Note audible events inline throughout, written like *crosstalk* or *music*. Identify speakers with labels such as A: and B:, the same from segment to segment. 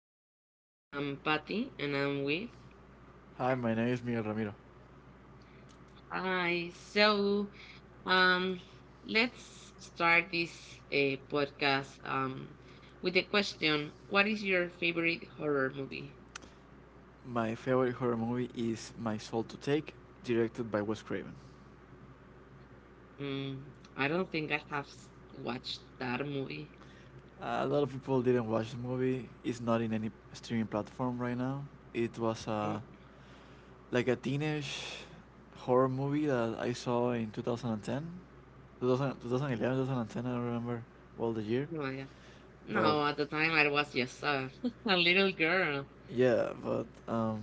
A: horror movies. I'm Patty and I'm with.
B: Hi, my name is Miguel Ramiro.
A: Hi. So, um, let's start this podcast with the question: What is your favorite horror movie?
B: My favorite horror movie is My Soul to Take, directed by Wes Craven.
A: Mm, I don't think I have watched that movie.
B: A lot of people didn't watch the movie. It's not in any streaming platform right now. It was a
A: Oh,
B: like a teenage horror movie that I saw in 2010, 2000, I don't remember well the year,
A: oh my God.
B: but
A: No, at the time I was just *laughs* a little girl.
B: Yeah, but um,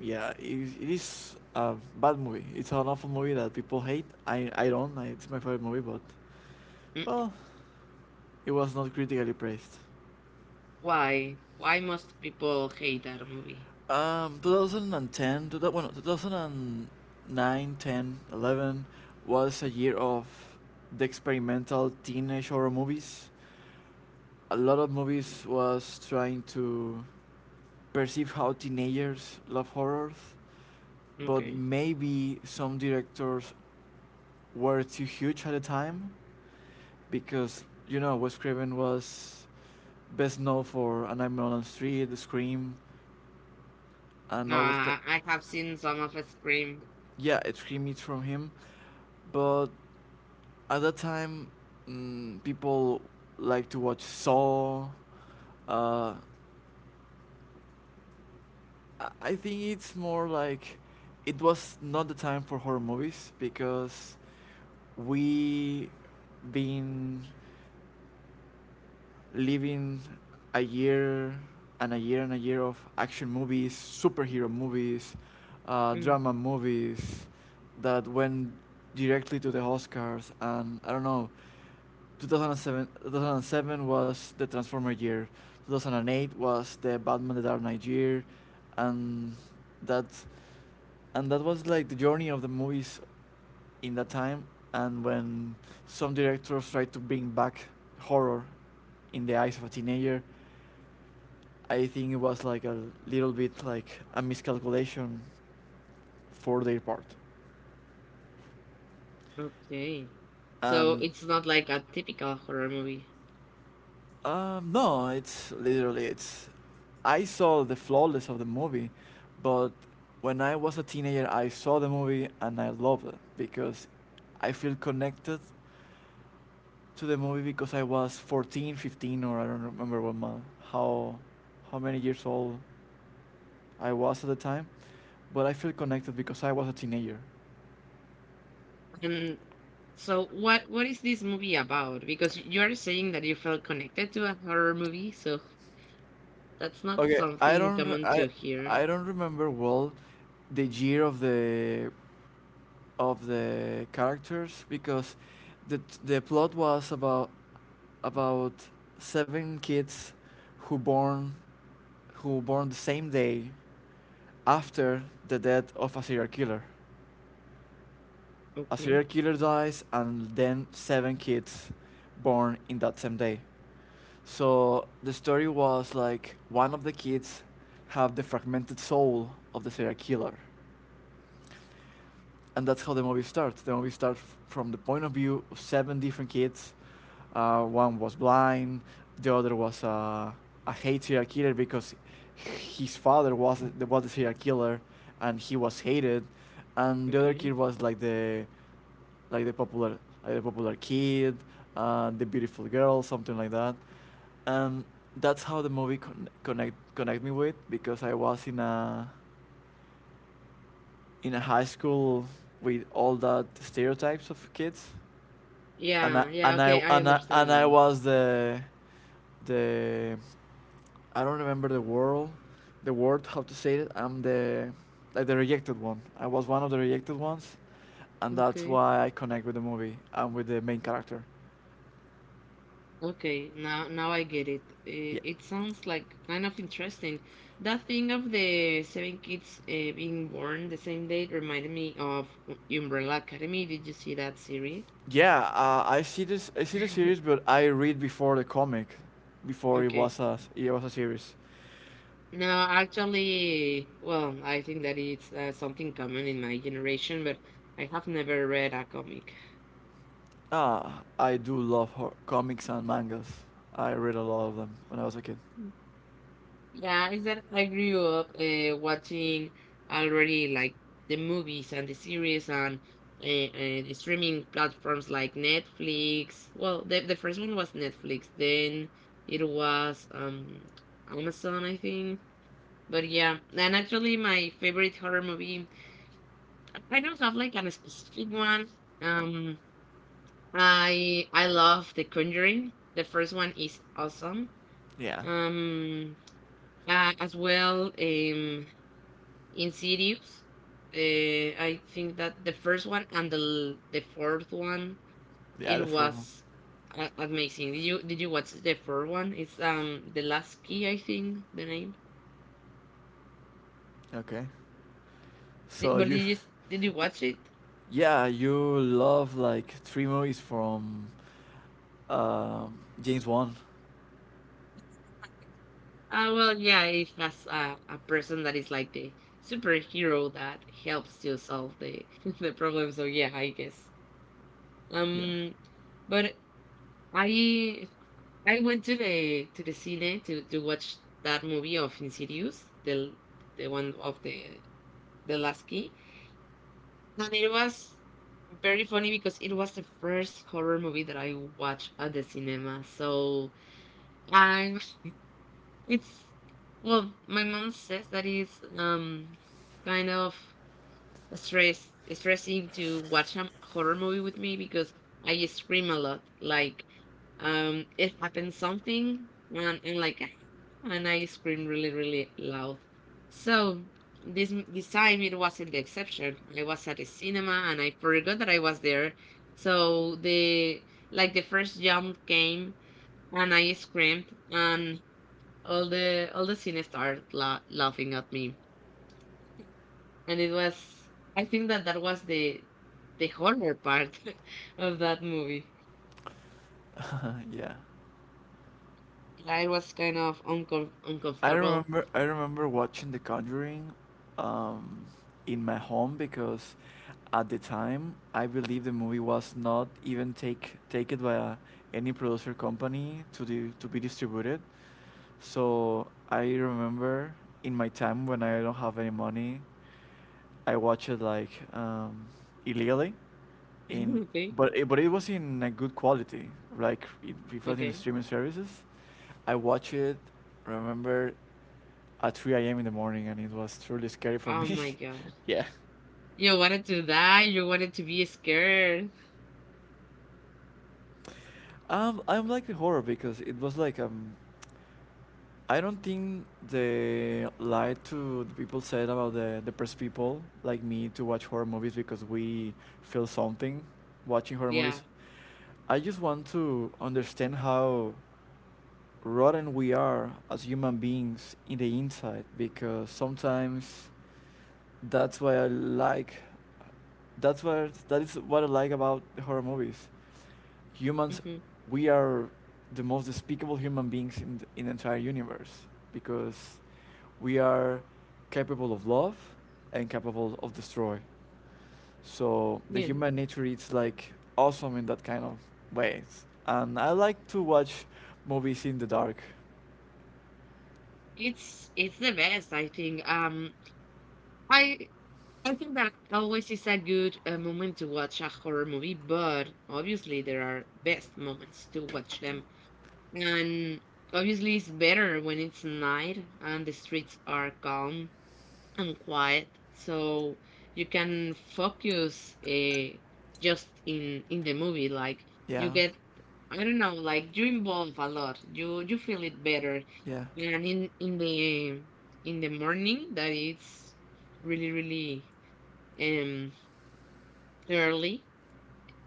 B: yeah, it is a bad movie. It's an awful movie that people hate. I don't. I, it's my favorite movie, but
A: Mm.
B: well, it was not critically praised.
A: Why? Why must people hate that movie?
B: 2010, two well, two, thou- bueno, was a year of the experimental teenage horror movies. A lot of movies was trying to perceive how teenagers love horrors, but
A: Okay.
B: maybe some directors were too huge at the time because you know Wes Craven was best known for A Nightmare on Elm Street, The Scream, and all that.
A: Ah, I have seen some of Scream.
B: Yeah, it Scream is from him, but at that time, people like to watch Saw. uh, I- think it's more like it was not the time for horror movies because we been living a year and a year and a year of action movies, superhero movies,
A: Mm,
B: drama movies that went directly to the Oscars, and I don't know, 2007, 2007 was the Transformer year, 2008 was the Batman the Dark Knight year, and that, and that was like the journey of the movies in that time. And when some directors tried to bring back horror in the eyes of a teenager, I think it was like a little bit like a miscalculation for their part.
A: okay. So
B: And
A: it's not like a typical horror movie.
B: no, it's literally it's I saw the flawless of the movie, but when I was a teenager I saw the movie and I loved it because I feel connected to the movie because I was 14, 15, or I don't remember what month, how how many years old I was at the time, but I feel connected because I was a teenager.
A: And so what is this movie about? Because you are saying that you felt connected to a horror movie, so that's not
B: Okay,
A: something common to hear.
B: I don't remember well the year of the characters because the the plot was about about seven kids who born who born the same day after the death of a serial killer. A
A: Okay.
B: serial killer dies, and then seven kids born in that same day. So the story was like one of the kids have the fragmented soul of the serial killer, and that's how the movie starts. The movie starts from the point of view of seven different kids. One was blind, the other was a hate serial killer because his father was was the serial killer, and he was hated, and the other kid
A: Okay.
B: was like the popular, like the popular kid, the beautiful girl, something like that, and that's how the movie connect me with because I was in a high school with all that stereotypes of kids.
A: Yeah, yeah, okay, I understand
B: And I
A: now.
B: was the I don't remember the word the word, how to say it. I'm the like the rejected one. I was one of the rejected ones, and that's
A: Okay.
B: why I connect with the movie and with the main character.
A: Okay, now I get it.
B: Yeah,
A: It sounds like kind of interesting. That thing of the seven kids being born the same day reminded me of Umbrella Academy. Did you see that series?
B: yeah. I see this. I see the series,
A: *laughs*
B: but I read before the comic, before it
A: Okay.
B: was it was a series.
A: No, actually, well, I think that it's something common in my generation, but I have never read a comic.
B: Ah, I do love comics and mangas. I read a lot of them when I was a kid.
A: Yeah, is that I grew up watching already like the movies and the series and uh, uh, the streaming platforms like Netflix. Well, the first one was Netflix, then it was Amazon, I think. But yeah, and actually my favorite horror movie, I don't have like a specific one. Um, I love The Conjuring. The first one is awesome.
B: Yeah.
A: Um, as well, in series. The I think that the first one and the fourth one
B: Yeah,
A: it
B: the formal.
A: was amazing. Did you watch the fourth one? It's the last key, I think the name.
B: Okay. So
A: But did you
B: you
A: watch it?
B: yeah, you love like three movies from James Wan.
A: Ah, well, yeah, it has a person that is like the superhero that helps to solve the *laughs* the problem. So yeah, I guess
B: Yeah.
A: um but I I went to the cine to watch that movie of Insidious, the one of the last key, and it was very funny because it was the first horror movie that I watched at the cinema. So I'm it's well, my mom says that it's kind of stressing to watch a horror movie with me because I scream a lot. Like it happens something and like *sighs* "Ah," and I scream really really loud. So this time it wasn't the exception. I was at the cinema and I forgot that I was there. So the like the first jump came, and I screamed, and all the scene started laughing at me, and it was I think that that was the horror part *laughs* of that movie.
B: *laughs* Yeah.
A: I was kind of uncomfortable.
B: I remember watching The Conjuring um in my home because at the time I believe the movie was not even taken by a, any producer company to be distributed. So I remember in my time when I don't have any money, I watch it like illegally,
A: *laughs*
B: in
A: Okay.
B: but but it was in a good quality. Like it was in the
A: Okay.
B: streaming services. I watch it. Remember at 3 a.m. in the morning, and it was truly scary for
A: Oh
B: me.
A: my God,
B: *laughs* Yeah.
A: you wanted to be scared.
B: I'm like the horror because it was like I don't think they lied to the people said about the depressed people like me to watch horror movies because we feel something watching horror
A: Yeah.
B: movies. I just want to understand how rotten we are as human beings in the inside because sometimes that's why I like that's what that is what I like about horror movies. Humans,
A: Hmm.
B: we are the most despicable human beings in in the entire universe because we are capable of love and capable of destroy. So the
A: Yeah,
B: human nature is like awesome in that kind of ways. And I like to watch movies in the dark.
A: it's the best. I think I I think that always is a good moment to watch a horror movie, but obviously there are best moments to watch them. And obviously, it's better when it's night and the streets are calm and quiet, so you can focus just in the movie. Like you
B: Yeah,
A: get, I don't know, like you involve a lot. You feel it better,
B: yeah,
A: and in the morning that it's really really um early.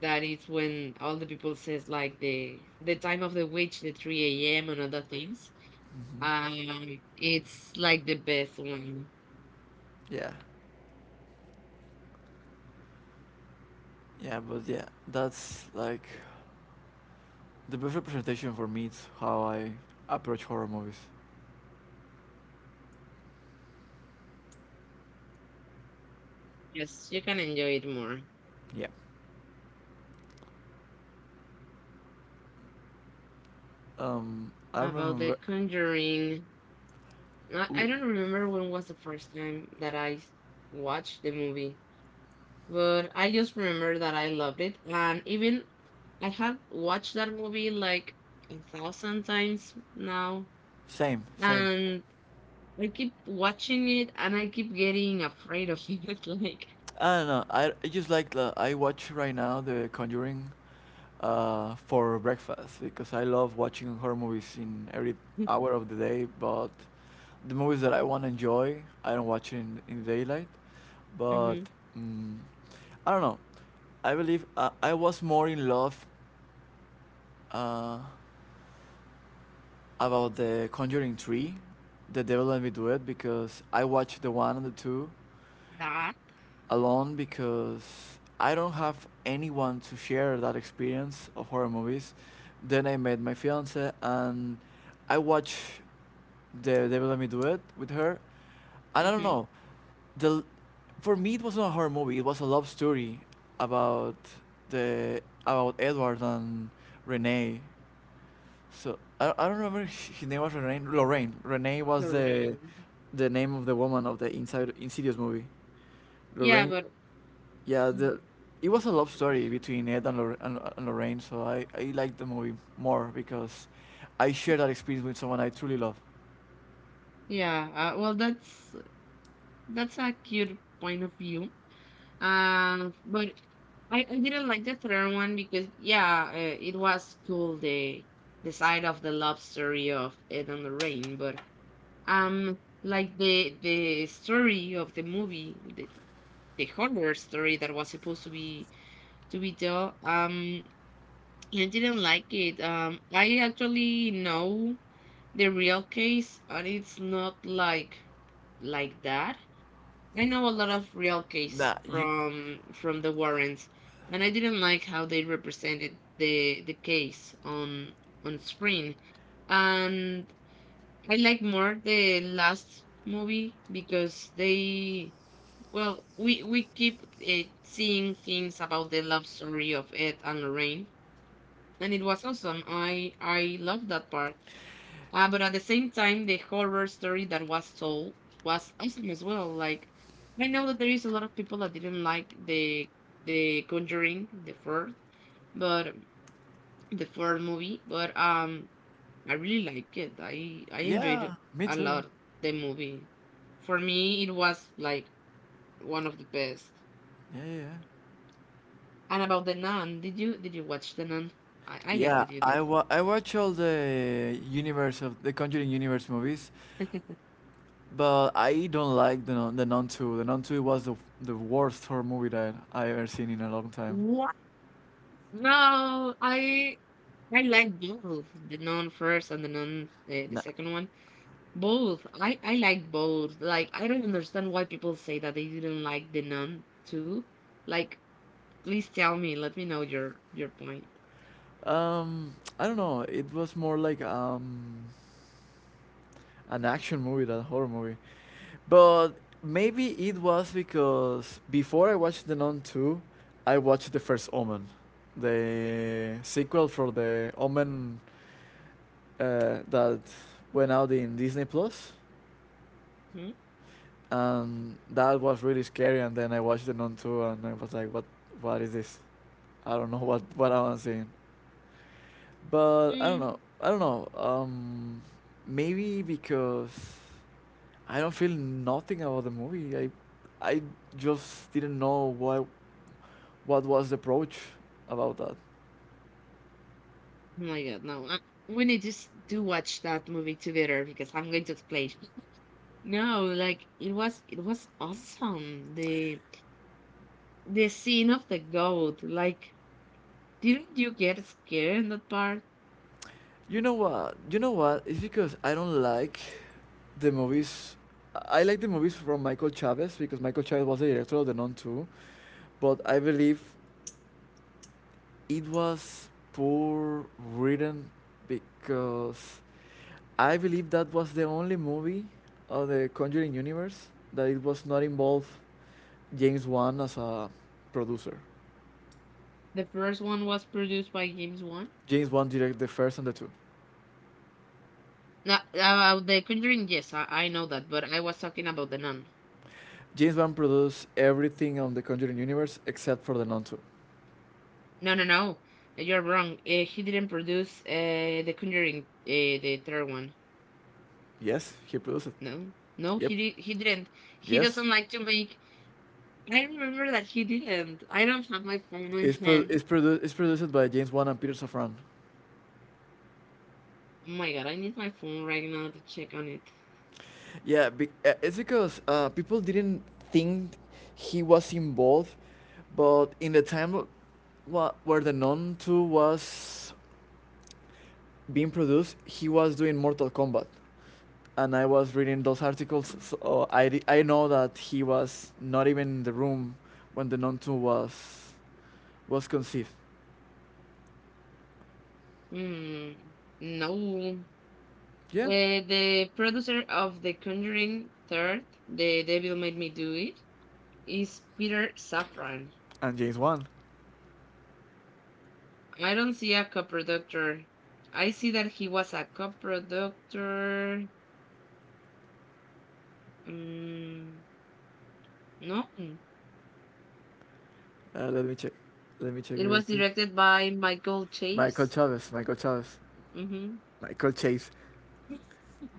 A: That is when all the people says like the time of the witch, the 3 a.m., and other things,
B: hmm
A: it's like the best one.
B: yeah, yeah. But yeah, that's like the best representation for me. It's how I approach horror movies.
A: Yes, you can enjoy it more.
B: Yeah. I
A: About The
B: remember.
A: Conjuring, I
B: Ooh,
A: don't remember when was the first time that I watched the movie, but I just remember that I loved it, and even I have watched that movie like a thousand times now,
B: same, same.
A: and I keep watching it, and I keep getting afraid of it. *laughs*
B: I don't know. I just like I watch right now The Conjuring, for breakfast because I love watching horror movies in every hour of the day. But the movies that I want to enjoy, I don't watch in daylight.
A: Like,
B: But
A: hmm.
B: mm, I don't know. I believe I was more in love. Uh, about the Conjuring 3, the devil let me do it because I watched the one and the two
A: That,
B: alone because I don't have anyone to share that experience of horror movies. Then I met my fiance and I watched the devil let me do it with her, and I don't
A: hmm.
B: know, the for me it wasn't a horror movie. It was a love story about the about Edward and Renee, so I don't remember his name was Renee. Lorraine. Renee was
A: Lorraine.
B: the name of the woman of the Inside Insidious movie.
A: Yeah,
B: Lorraine.
A: but
B: Yeah,
A: mm.
B: the it was a love story between Ed and, Lor- and Lorraine. So I liked the movie more because I shared that experience with someone I truly love.
A: Yeah, well, that's a cute point of view. But I didn't like the third one because yeah, it was cool the side of the love story of Ed and Lorraine, but like the story of the movie, the horror story that was supposed to be told, I didn't like it. I actually know the real case, and it's not like that. I know a lot of real case
B: Nah, you,
A: from the Warrens, and I didn't like how they represented the case on screen. And I like more the last movie because they well, we keep seeing things about the love story of Ed and Lorraine, and it was awesome. I love that part. But at the same time, the horror story that was told was awesome as well. Like I know that there is a lot of people that didn't like the Conjuring, but the fourth movie. But I really like it. I enjoyed
B: yeah,
A: it
B: me
A: a
B: too.
A: lot. The movie for me, it was like one of the best.
B: Yeah, yeah. Yeah.
A: And about the nun, did you watch the nun? I guess
B: Yeah,
A: that you did.
B: I watch all the universe of the Conjuring universe movies.
A: *laughs*
B: But I don't like the Nun Two. The Nun Two was the worst horror movie that I ever seen in a long time.
A: What? No, I like both the non first and the non the
B: No.
A: second one. Both. I like both. Like I don't understand why people say that they didn't like the non too. Like please tell me. Let me know your point.
B: I don't know. It was more like an action movie than a horror movie. But maybe it was because before I watched The Nun 2, I watched the first Omen, the sequel for the Omen, that went out in Disney Plus.
A: Hmm?
B: And that was really scary. And then I watched the Nun two, and I was like, what. What is this? I don't know *laughs* what I'm seeing. But I don't
A: Mm.
B: know. I don't know. Maybe because I don't feel nothing about the movie. I just didn't know what was the approach about that.
A: Oh my God, no. We need to watch that movie together because I'm going to explain. No, like it was awesome. The scene of the goat. Like, didn't you get scared in that part?
B: You know what? You know what? It's because I don't like the movies. I like the movies from Michael Chavez because Michael Chavez was the director of The Nun 2, but I believe it was poor written because I believe that was the only movie of the Conjuring universe that it was not involved James Wan as a producer.
A: The first one was produced by James Wan.
B: James Wan directed the first and the two.
A: No, about the Conjuring, yes, I know that, but I was talking about the Nun.
B: James Wan produced everything on the Conjuring universe except for the non two.
A: No, no, no, you're wrong. He didn't produce the Conjuring, the third one.
B: Yes, he produced it.
A: No, no,
B: Yep.
A: he did. He didn't. He
B: Yes.
A: doesn't like to make. I remember that he didn't. I don't have my phone in hand.
B: It's produced by James Wan and Peter Safran.
A: Oh my God, I need my phone right now to check on it.
B: Yeah, it's because people didn't think he was involved, but in the time where the non 2 was being produced, he was doing Mortal Kombat. And I was reading those articles, so I know that he was not even in the room when the non two was conceived.
A: Hmm. No.
B: Yeah,
A: The producer of The Conjuring Third, The Devil Made Me Do It, is Peter Safran.
B: and James Wan.
A: I don't see a co-productor. I see that he was a co-productor. Mm, no.
B: Let me check. Let me check
A: It
B: real
A: was
B: quick.
A: directed by Michael
B: Michael
A: Chaves.
B: Chavez. Michael Chavez.
A: Hmm.
B: Michael Chase.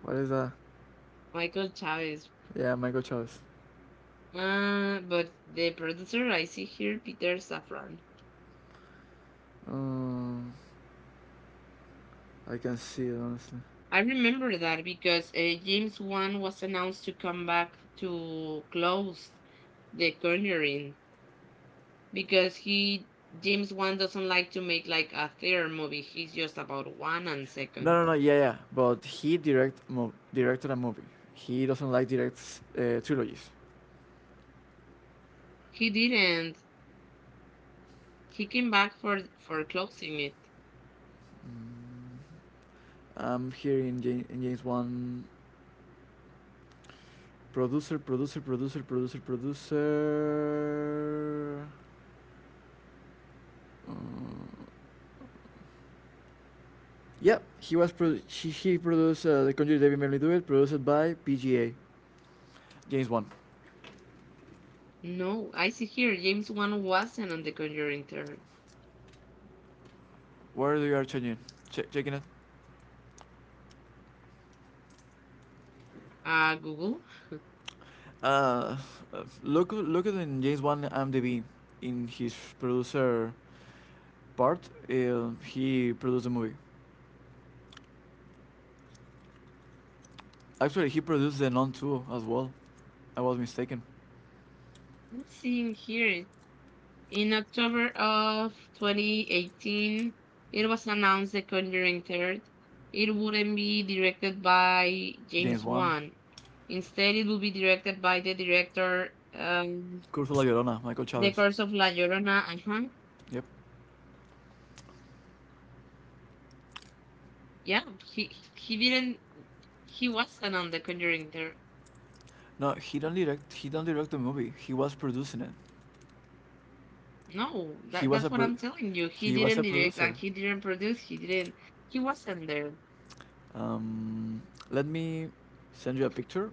B: What is that?
A: Michael Chavez.
B: Yeah, Michael Chavez.
A: But the producer I see here, Peter Safran.
B: Um, I can see it honestly.
A: I remember that because James Wan was announced to come back to close The Conjuring because he James Wan doesn't like to make like a third movie. He's just about one and
B: No, no,
A: second.
B: no. Yeah, yeah. But he directed a movie. He doesn't like direct trilogies.
A: He didn't. He came back for closing it.
B: Mm, I'm hearing James Wan. Producer, producer, producer, producer, producer. Mm, yeah, he produced the Conjuring David Merely Do It, produced by PGA. James Wan.
A: No, I see here James Wan wasn't on The Conjuring third.
B: Where do you are checking? Checking it.
A: Google.
B: Uh, Look at in James Wan IMDb in his producer part. He produced a movie. Actually, he produced the Non 2 as well. I was mistaken.
A: I'm seeing here, in October of 2018, it was announced The Conjuring 3rd. It wouldn't be directed by
B: James
A: James
B: Wan,
A: Wan. Instead, it will be directed by the director, um,
B: Curso La Llorona, Michael
A: The
B: Chavez.
A: Curse of La Llorona. Uh-huh.
B: Yep.
A: Yeah, he didn't. He wasn't on The Conjuring 3rd.
B: No, he don't direct. He don't direct the movie. He was producing it.
A: No,
B: He was
A: that's
B: a
A: what
B: pro-
A: I'm telling you. He
B: he was a
A: didn't direct and
B: producer.
A: he didn't produce. He didn't. He wasn't there.
B: Um, Let me send you a picture.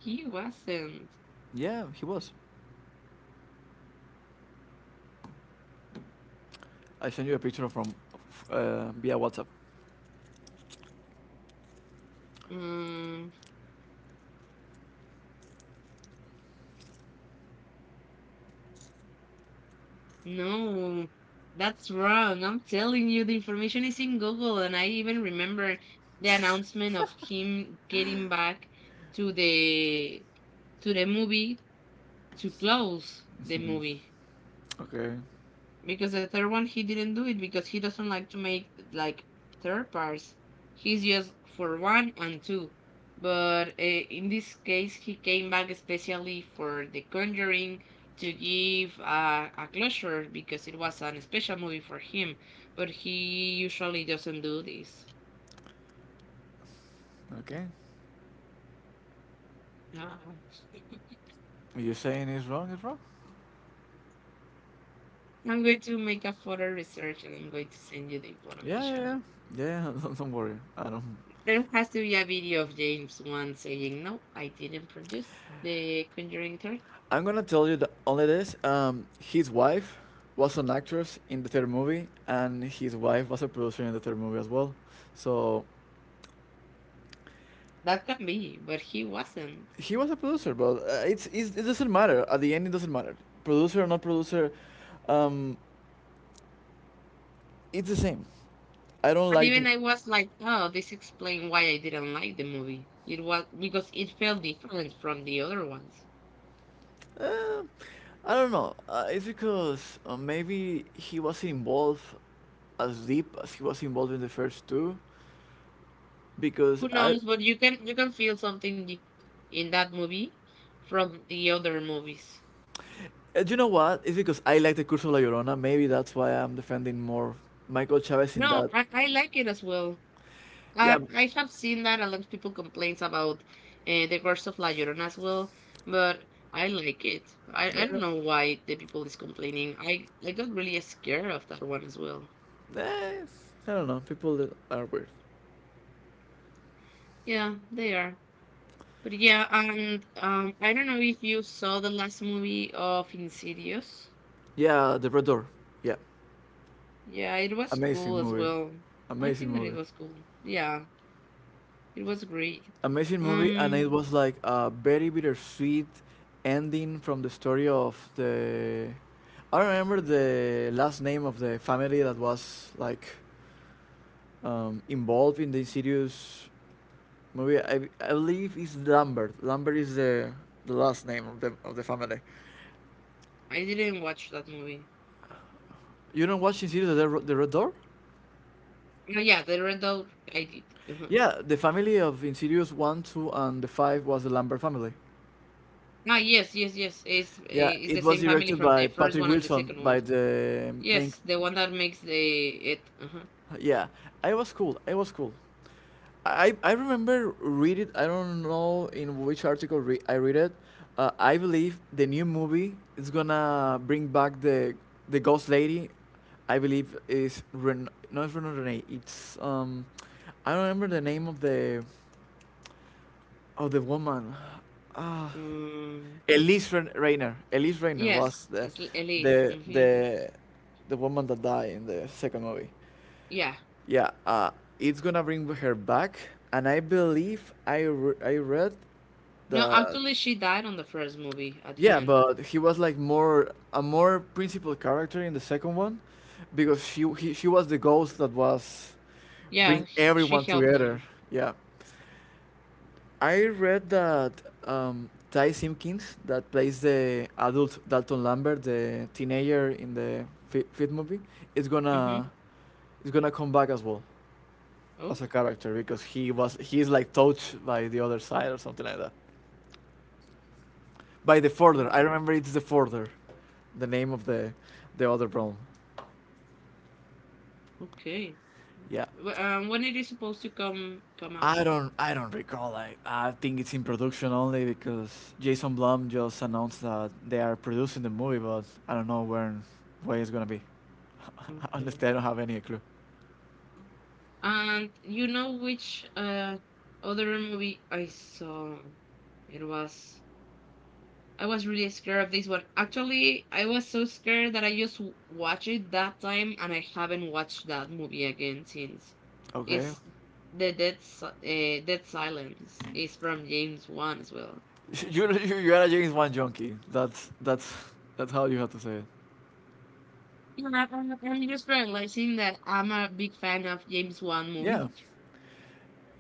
A: He wasn't.
B: Yeah, he was. I send you a picture from via WhatsApp.
A: Mm. No, that's wrong. I'm telling you, the information is in Google, and I even remember the announcement of him getting back to the to the movie to close the movie
B: Okay,
A: because the third one he didn't do it because he doesn't like to make like third parts. He's just for one and two. But in this case, he came back especially for The Conjuring to give a closure because it was an special movie for him. But he usually doesn't do this.
B: okay.
A: Ah. *laughs*
B: You're saying it's wrong. It's wrong.
A: I'm going to make a further research and I'm going to send you the
B: Yeah, yeah,
A: information.
B: yeah. Yeah, *laughs* don't worry. I don't.
A: There has to be a video of James Wan saying, "No, I didn't produce the Conjuring third."
B: I'm gonna tell you the only this. His wife was an actress in the third movie, and his wife was a producer in the third movie as well. So
A: That can be, but he wasn't.
B: he was a producer, but it's it doesn't matter. At the end, it doesn't matter. Producer or not producer, um, it's the same. I don't
A: And
B: like the.
A: even I was like, "Oh, this explains why I didn't like the movie. It was because it felt different from the other ones."
B: Uh, I don't know. It's because maybe he wasn't involved as deep as he was involved in the first two, because
A: Who
B: I.
A: knows, but you can feel something in that movie from the other movies.
B: You know what? It's because I like the Curse of La Llorona. Maybe that's why I'm defending more Michael Chavez
A: No,
B: in
A: I,
B: that.
A: I like it as well. I
B: Yeah.
A: I have seen that a lot of people complains about the curse of La Llorona as well, but I like it. I
B: Yeah.
A: don't know why the people is complaining. I got really scared of that one as well.
B: Eh, I don't know. People that are weird.
A: Yeah, they are. But yeah, and I don't know if you saw the last movie of Insidious.
B: Yeah, The Red Door. Yeah,
A: Yeah, it was
B: amazing
A: cool as
B: movie,
A: well. I
B: amazing
A: think that it
B: movie,
A: was cool. Yeah, it was great.
B: amazing movie, and it
A: Um,
B: was like a very bittersweet ending from the story of the. I don't remember the last name of the family that was like involved in the Insidious movie. I believe it's Lambert. Lambert is the last name of the family.
A: I didn't watch that movie.
B: You don't watch Insidious the, the Red Door?
A: Oh, yeah, the Red Dog, I did. *laughs*
B: Yeah, the family of Insidious one, two, and the five was the Lambert family.
A: Ah, yes, yes, yes. It's
B: Yeah,
A: it's
B: it
A: the
B: was
A: same family
B: directed
A: from the
B: by
A: first
B: Patrick
A: one and the
B: Wilson,
A: second
B: by
A: one.
B: the main.
A: Yes, the one that makes the it. Uh huh.
B: Yeah, I was cool. I was cool. I remember read it. I don't know in which article I read it. I believe the new movie is gonna bring back the ghost lady. I believe is no, it's Renee. Renee. It's I don't remember the name of the. Oh, the woman. Ah,
A: Um.
B: Elise Rayner. Elise Rayner was
A: Yes,
B: the
A: it's Elise.
B: the
A: Mm-hmm.
B: the the woman that died in the second movie.
A: Yeah.
B: Yeah, it's gonna bring her back, and I believe I read
A: No,
B: that.
A: actually, she died on the first movie at the
B: Yeah,
A: end.
B: but he was like more a more principal character in the second one, because she was the ghost that was
A: Yeah,
B: bring
A: she
B: everyone
A: helped
B: together.
A: them.
B: Yeah. I read that Ty Simpkins, that plays the adult Dalton Lambert, the teenager in the fifth movie, is
A: Mm-hmm.
B: gonna come back as well
A: Oh.
B: as a character because he is like touched by the other side or something like that. By the Forder,
A: Oh.
B: I remember it's the Forder, the name of the other realm.
A: Okay.
B: Yeah,
A: When it is supposed to come out?
B: I don't recall. I think it's in production only because Jason Blum just announced that they are producing the movie, but I don't know when it's gonna be. *laughs*
A: Okay.
B: Honestly, I don't have any clue.
A: And you know which other movie I saw? It was I was really scared of this one. Actually, I was so scared that I just watched it that time, and I haven't watched that movie again since.
B: Okay,
A: It's the Dead Si- Dead Silence is from James Wan as well.
B: *laughs* you are a James Wan junkie. That's that's how you have to say it.
A: Yeah, I'm just realizing that I'm a big fan of James Wan
B: Yeah,
A: movies,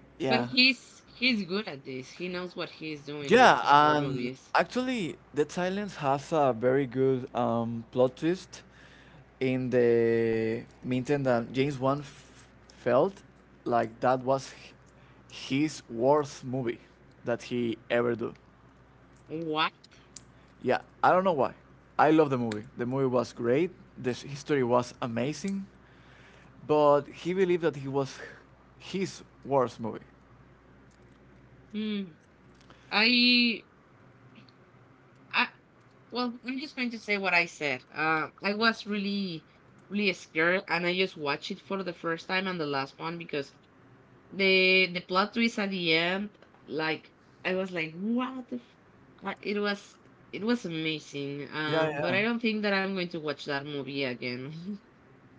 A: *laughs* but
B: yeah.
A: he's good at this. He knows what he's doing with
B: Yeah,
A: horror
B: and
A: movies.
B: actually, Dead Silence has a very good plot twist in the meantime that James Wan felt like that was his worst movie that he ever do.
A: What?
B: Yeah, I don't know why. I love the movie. The movie was great. The history was amazing, but he believed that he was his worst movie.
A: Hmm. I I well, I'm just going to say what I said. I was really, really scared, and I just watched it for the first time and the last one because the plot twist at the end, like I was like, what? The f-? Uh, It was it was amazing.
B: Yeah,
A: But
B: yeah.
A: I don't think that I'm going to watch that movie again.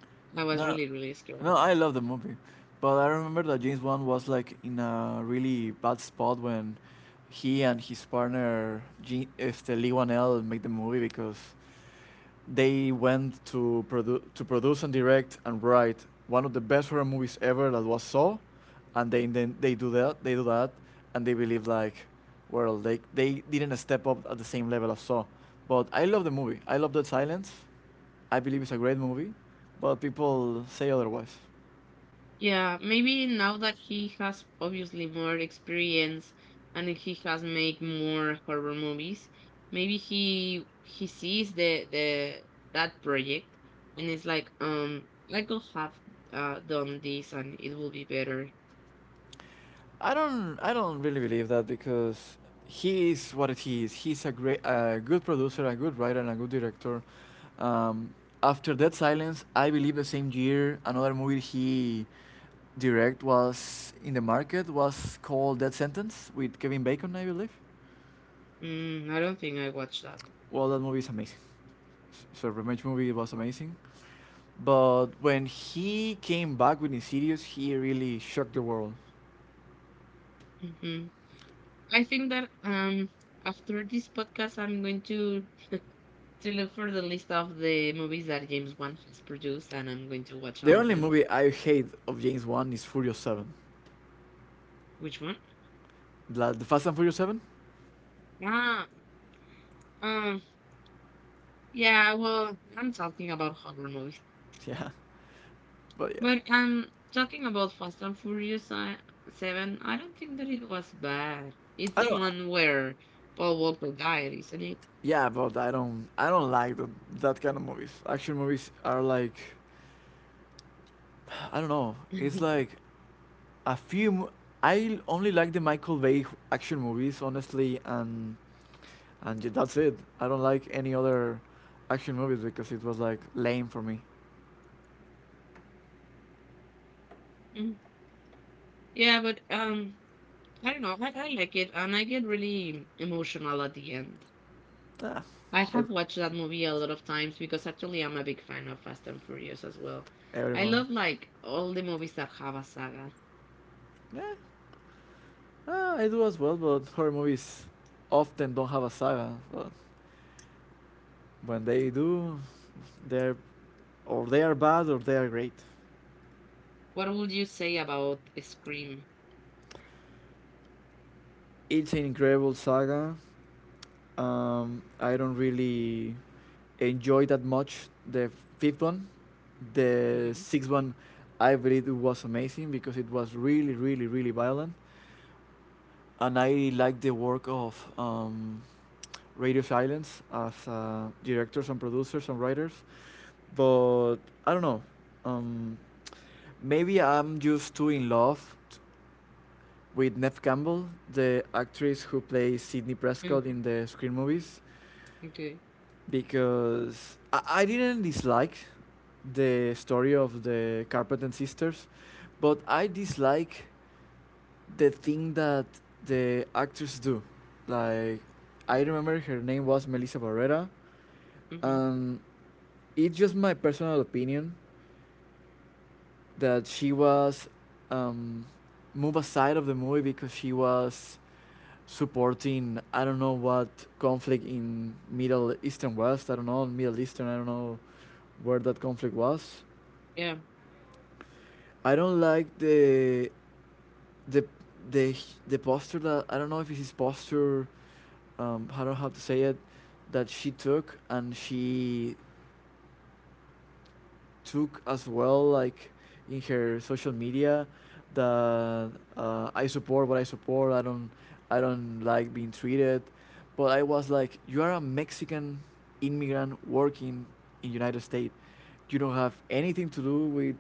A: *laughs* I was
B: No,
A: really, really scared.
B: no, I love the movie, but I remember that James Bond was like in a really bad spot when he and his partner, Jean, este, Lee Wanell, make the movie because they went to to produce and direct and write one of the best horror movies ever that was Saw, and they then they do that, and they believe like, well they didn't step up at the same level as Saw, but I love the movie. I love Dead silence. I believe it's a great movie, but people say otherwise.
A: Yeah, maybe now that he has obviously more experience and he has made more horror movies, maybe he sees the that project and it's like, I could have done this and it will be better.
B: I don't really believe that because he is what he is. He's a great, a good producer, a good writer, and a good director. Um, After Dead Silence, I believe the same year another movie he direct was in the market was called Dead Sentence with Kevin Bacon, I believe.
A: Mm, I don't think I watched that.
B: Well, that movie is amazing. It's a Revenge movie. It was amazing. But when he came back with Insidious, he really shocked the world.
A: Hmm. I think that after this podcast, I'm going to look for the list of the movies that James Wan has produced, and I'm going to watch
B: The
A: all of
B: only
A: them.
B: movie I hate of James Wan is Furious Seven,
A: Which one?
B: the Fast and Furious Seven. *laughs*
A: Ah, um, yeah. Well, I'm talking about horror movies,
B: Yeah, but yeah,
A: but I'm talking about Fast and Furious Seven. I don't think that it was bad. It's the
B: I
A: one
B: don't.
A: where Paul Walker died, isn't it?
B: Yeah, but I don't. I don't like that that kind of movies. Action movies are like, *sighs* I don't know. It's
A: *laughs*
B: like a few. I only like the Michael Bay action movies, honestly, and that's it. I don't like any other action movies because it was like lame for me.
A: Mm. Yeah, but I don't know. I like it, and I get really emotional at the end.
B: Ah,
A: I
B: ev-
A: have watched that movie a lot of times because actually I'm a big fan of Fast and Furious as well. I
B: everyone.
A: love like all the movies that have a saga.
B: Yeah. Ah, I do as well, but horror movies often don't have a saga. But when they do, they're or they are bad or they are great.
A: What would you say about Scream?
B: It's an incredible saga. I don't really enjoy that much the fifth one. The
A: Hmm.
B: sixth one, I believe it was amazing because it was really, really, really violent. And I like the work of Radio Silence as directors and producers and writers. But I don't know. Um, Maybe I'm just too in love with Neve Campbell, the actress who plays Sidney Prescott in the Screen movies,
A: Okay.
B: because I didn't dislike the story of the Carpenter sisters, but I dislike the thing that the actors do. Like I remember her name was Melissa Barrera,
A: Hmm.
B: and it's just my personal opinion that she was um, moved aside of the movie because she was supporting I don't know what conflict in Middle Eastern West. I don't know Middle Eastern. I don't know where that conflict was.
A: Yeah.
B: I don't like the the the posture that I don't know if it's his posture. I don't know how to say it. That she took and she took as well, like in her social media, that I support what I support. I don't like being treated, but I was like, you are a Mexican immigrant working in United States. You don't have anything to do with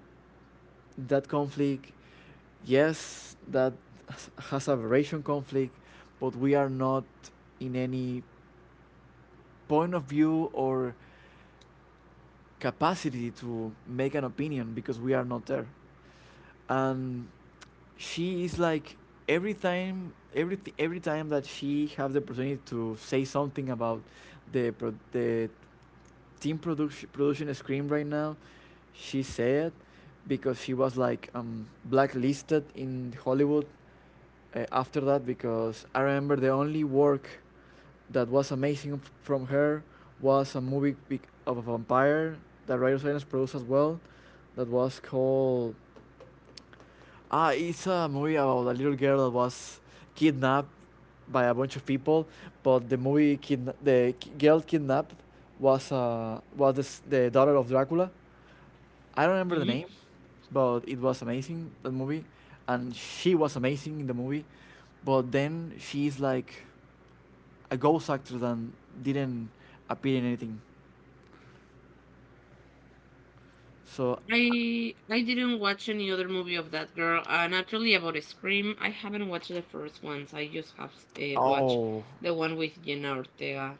B: that conflict, yes, that has- a variation conflict, but we are not in any point of view or capacity to make an opinion because we are not there and she is like every time every time that she have the opportunity to say something about the team production production screen right now she said because she was like blacklisted in Hollywood after that because I remember the only work that was amazing from her was a movie of a vampire that Ryan Silence produced as well that was called. Ah, it's a movie about a little girl that was kidnapped by a bunch of people, but the movie girl kidnapped was the, the daughter of Dracula. I don't remember the
A: Hmm.
B: name, but it was amazing that movie, and she was amazing in the movie, but then she's like a ghost actor that didn't appear in anything. So,
A: I didn't watch any other movie of that girl. And naturally about Scream, I haven't watched the first ones. I just have watched
B: oh.
A: the one with Jenna Ortega.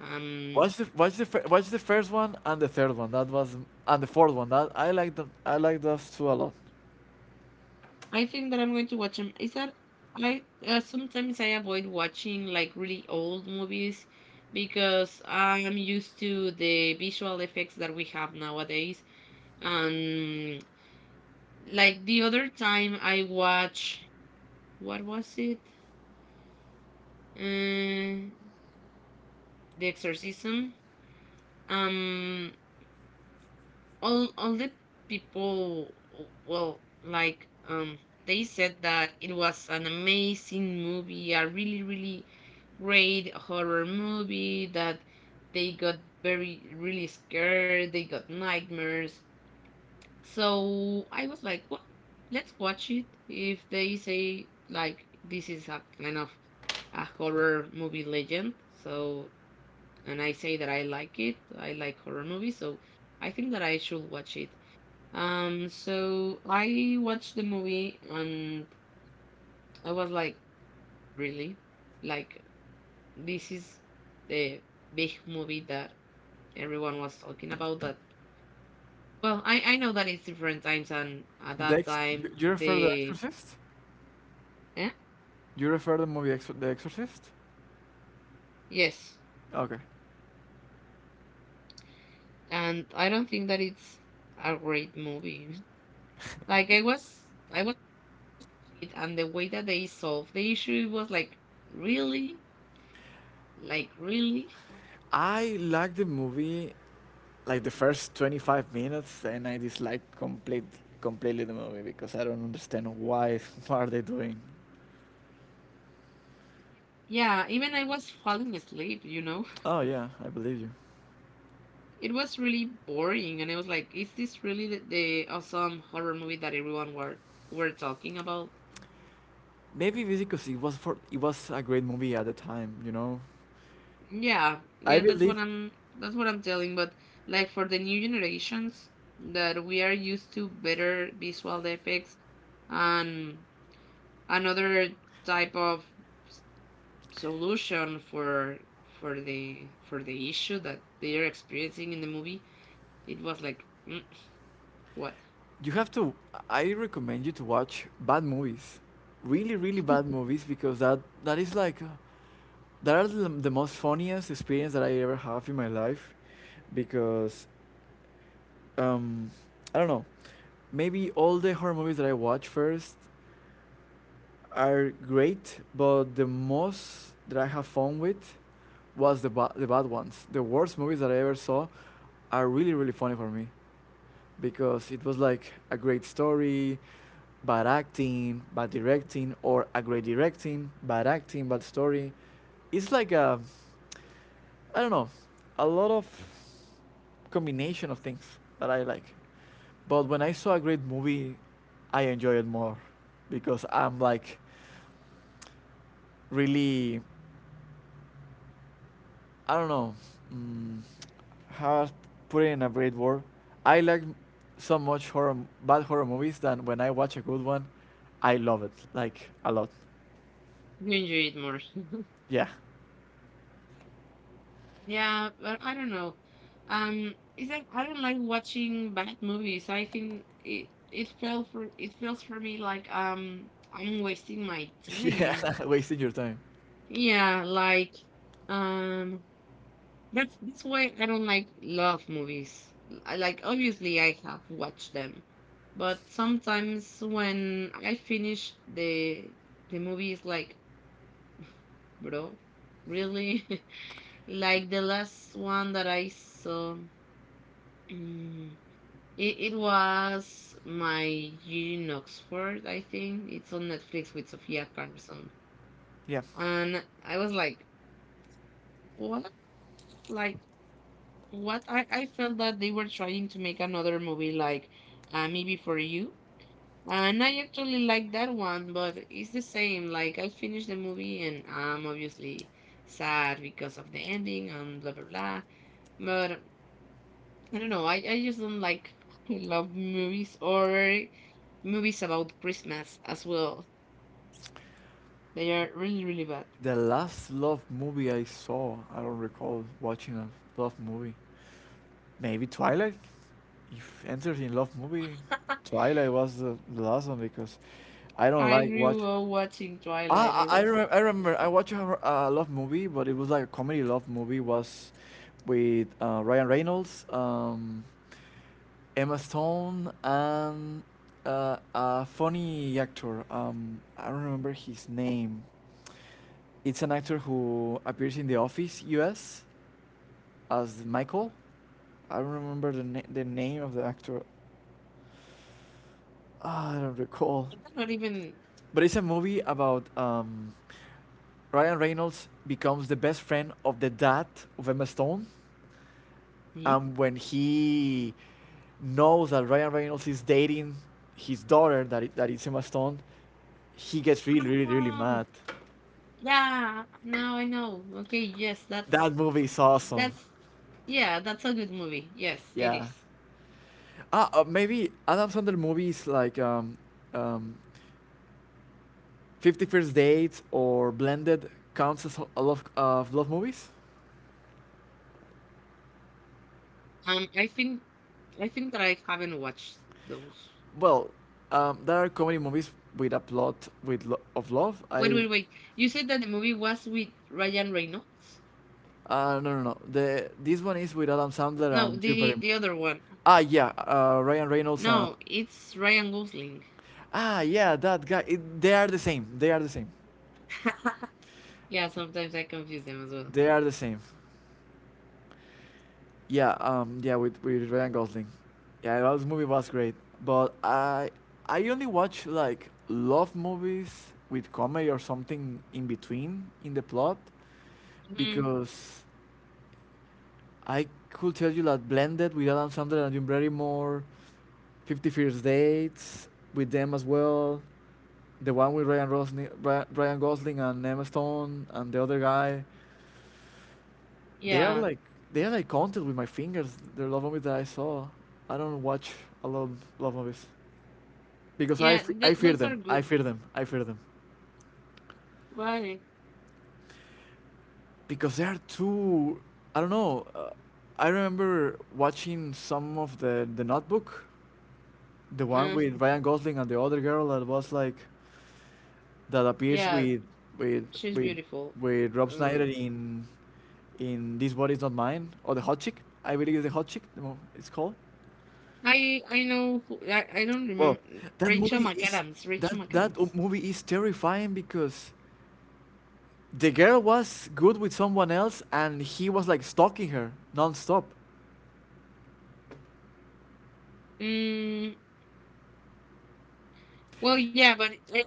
A: Um,
B: Watch the first one and the third one. That was and the fourth one. That I like those two a lot.
A: I think that I'm going to watch them. Is that I sometimes I avoid watching like really old movies because I'm used to the visual effects that we have nowadays. And like the other time I watched what was it? Uh, the Exorcism. Um all the people well, like, they said that it was an amazing movie, a really, really great horror movie, that they got very really scared, they got nightmares. So I was like, well, let's watch it. If they say like this is a kind of a horror movie legend, so, and I say that I like it, I like horror movies, so I think that I should watch it. So I watched the movie and I was like, really? Like, this is the big movie that everyone was talking about. That, well, I know that it's different times, and at
B: The
A: that time,
B: you, you refer the
A: the,
B: Exorcist?
A: eh?
B: You refer the movie The Exorcist?
A: Yes.
B: Okay.
A: And I don't think that it's a great movie. *laughs* Like, I was, it, and the way that they solved the issue it was like, really? Like, really?
B: I like the movie like the first 25 minutes and I dislike completely the movie because I don't understand why *laughs* what are they doing.
A: Yeah, even I was falling asleep, you know?
B: Oh yeah, I believe you.
A: It was really boring, and I was like, "Is this really the awesome horror movie that everyone were talking about?"
B: Maybe because it was for it was a great movie at the time, you know.
A: Yeah,
B: I
A: yeah, that's what
B: believe
A: I'm that's what I'm telling. But like for the new generations that we are used to better visual effects and another type of s- solution for the issue that they are experiencing in the movie, it was like, what?
B: you have to. I recommend you to watch bad movies, really, really bad movies, because that is like, that are the most funniest experience that I ever have in my life, because, um, I don't know, maybe all the horror movies that I watch first are great, but the most that I have fun with was the bad ones. The worst movies that I ever saw are really, really funny for me because it was like a great story, bad acting, bad directing, or a great directing, bad acting, bad story. It's like a, I don't know, a lot of combination of things that I like. But when I saw a great movie, I enjoy it more because I'm like really I don't know mm, how to put it in a great word. I like so much horror, bad horror movies that when I watch a good one, I love it like a lot.
A: *laughs* You enjoy it more. *laughs*
B: Yeah,
A: Yeah, but I don't know. It's like I don't like watching bad movies. I think it felt for it feels for me like I'm wasting my
B: *laughs* yeah,
A: time.
B: *laughs* wasting your time.
A: Yeah, like um that's why I don't like love movies. I like, obviously I have watched them, but sometimes when I finish the movie is like *sighs* bro, really? *laughs* like the last one that I saw. Mm, it, it was my year in Oxford, I think. It's on Netflix with Sophia Carson.
B: Yeah,
A: And I was like, what? Like, what? I felt that they were trying to make another movie like Maybe For You. And I actually like that one, but it's the same. Like, I finished the movie and I'm obviously sad because of the ending and blah, blah, blah. But I don't know. I just don't like *laughs* love movies or movies about Christmas as well. They are really, really bad.
B: the last love movie I saw, I don't recall watching a love movie. Maybe Twilight. If entered in love movie,
A: *laughs*
B: Twilight was the last one because I don't
A: I
B: like watch.
A: grew up watching Twilight.
B: Ah, I remember I watched a love movie, but it was like a comedy love movie. Was with Ryan Reynolds, Emma Stone, and a funny actor. I don't remember his name. It's an actor who appears in The Office U.S. as Michael. I don't remember the name of the actor. I don't recall.
A: I'm not even.
B: But it's a movie about Ryan Reynolds becomes the best friend of the dad of Emma Stone,
A: Hmm?
B: and when he knows that Ryan Reynolds is dating his daughter, that is Emma Stone. He gets really, really, really
A: Oh,
B: mad.
A: yeah. Now I know. Okay. Yes, that's
B: That movie is awesome.
A: that's. Yeah, that's a good movie. Yes, it
B: Yeah.
A: is.
B: Maybe Adam Sandler movies like um, Fifty First Dates or Blended counts as a lot of love movies.
A: Um, I think I think that I haven't watched those.
B: Well, there are comedy movies with a plot with of love.
A: Wait, wait, wait. You said that the movie was with Ryan Reynolds?
B: No, no, no. The this one is with Adam Sandler
A: No,
B: and Drew Barrymore.
A: the other one.
B: Yeah, Ryan Reynolds and
A: No, it's Ryan Gosling.
B: yeah, that guy. They are the same. They are the same.
A: *laughs* Yeah, sometimes I confuse them as well.
B: They are the same. Yeah, yeah, with Ryan Gosling. Yeah, that movie was great. But I only watch like love movies with comedy or something in between in the plot,
A: Hmm.
B: because I could tell you that Blended with Adam Sandler and Jim Barrymore, Fifty First Dates with them as well, the one with Ryan Gosling and Emma Stone and the other guy, they are
A: Yeah,
B: like they are like counted with my fingers. They're love movies that I saw. I don't watch a lot of love movies because
A: yeah,
B: I fear
A: those are
B: them. I
A: good.
B: fear them. I fear them
A: Why?
B: because they are too. I don't know. I remember watching some of the Notebook. The one
A: Uh,
B: with Ryan Gosling and the other girl that was like that appears
A: yeah,
B: with with
A: she's
B: with
A: beautiful.
B: Rob Snyder
A: Um,
B: in This Body's Not Mine or the Hot Chick. I believe it's the Hot Chick it's called.
A: I know who, I don't
B: Well,
A: remember
B: that
A: Rachel
B: movie is
A: McAdams. Rachel
B: that
A: McAdams.
B: movie is terrifying because the girl was good with someone else and he was like stalking her nonstop.
A: Mm, well, yeah, but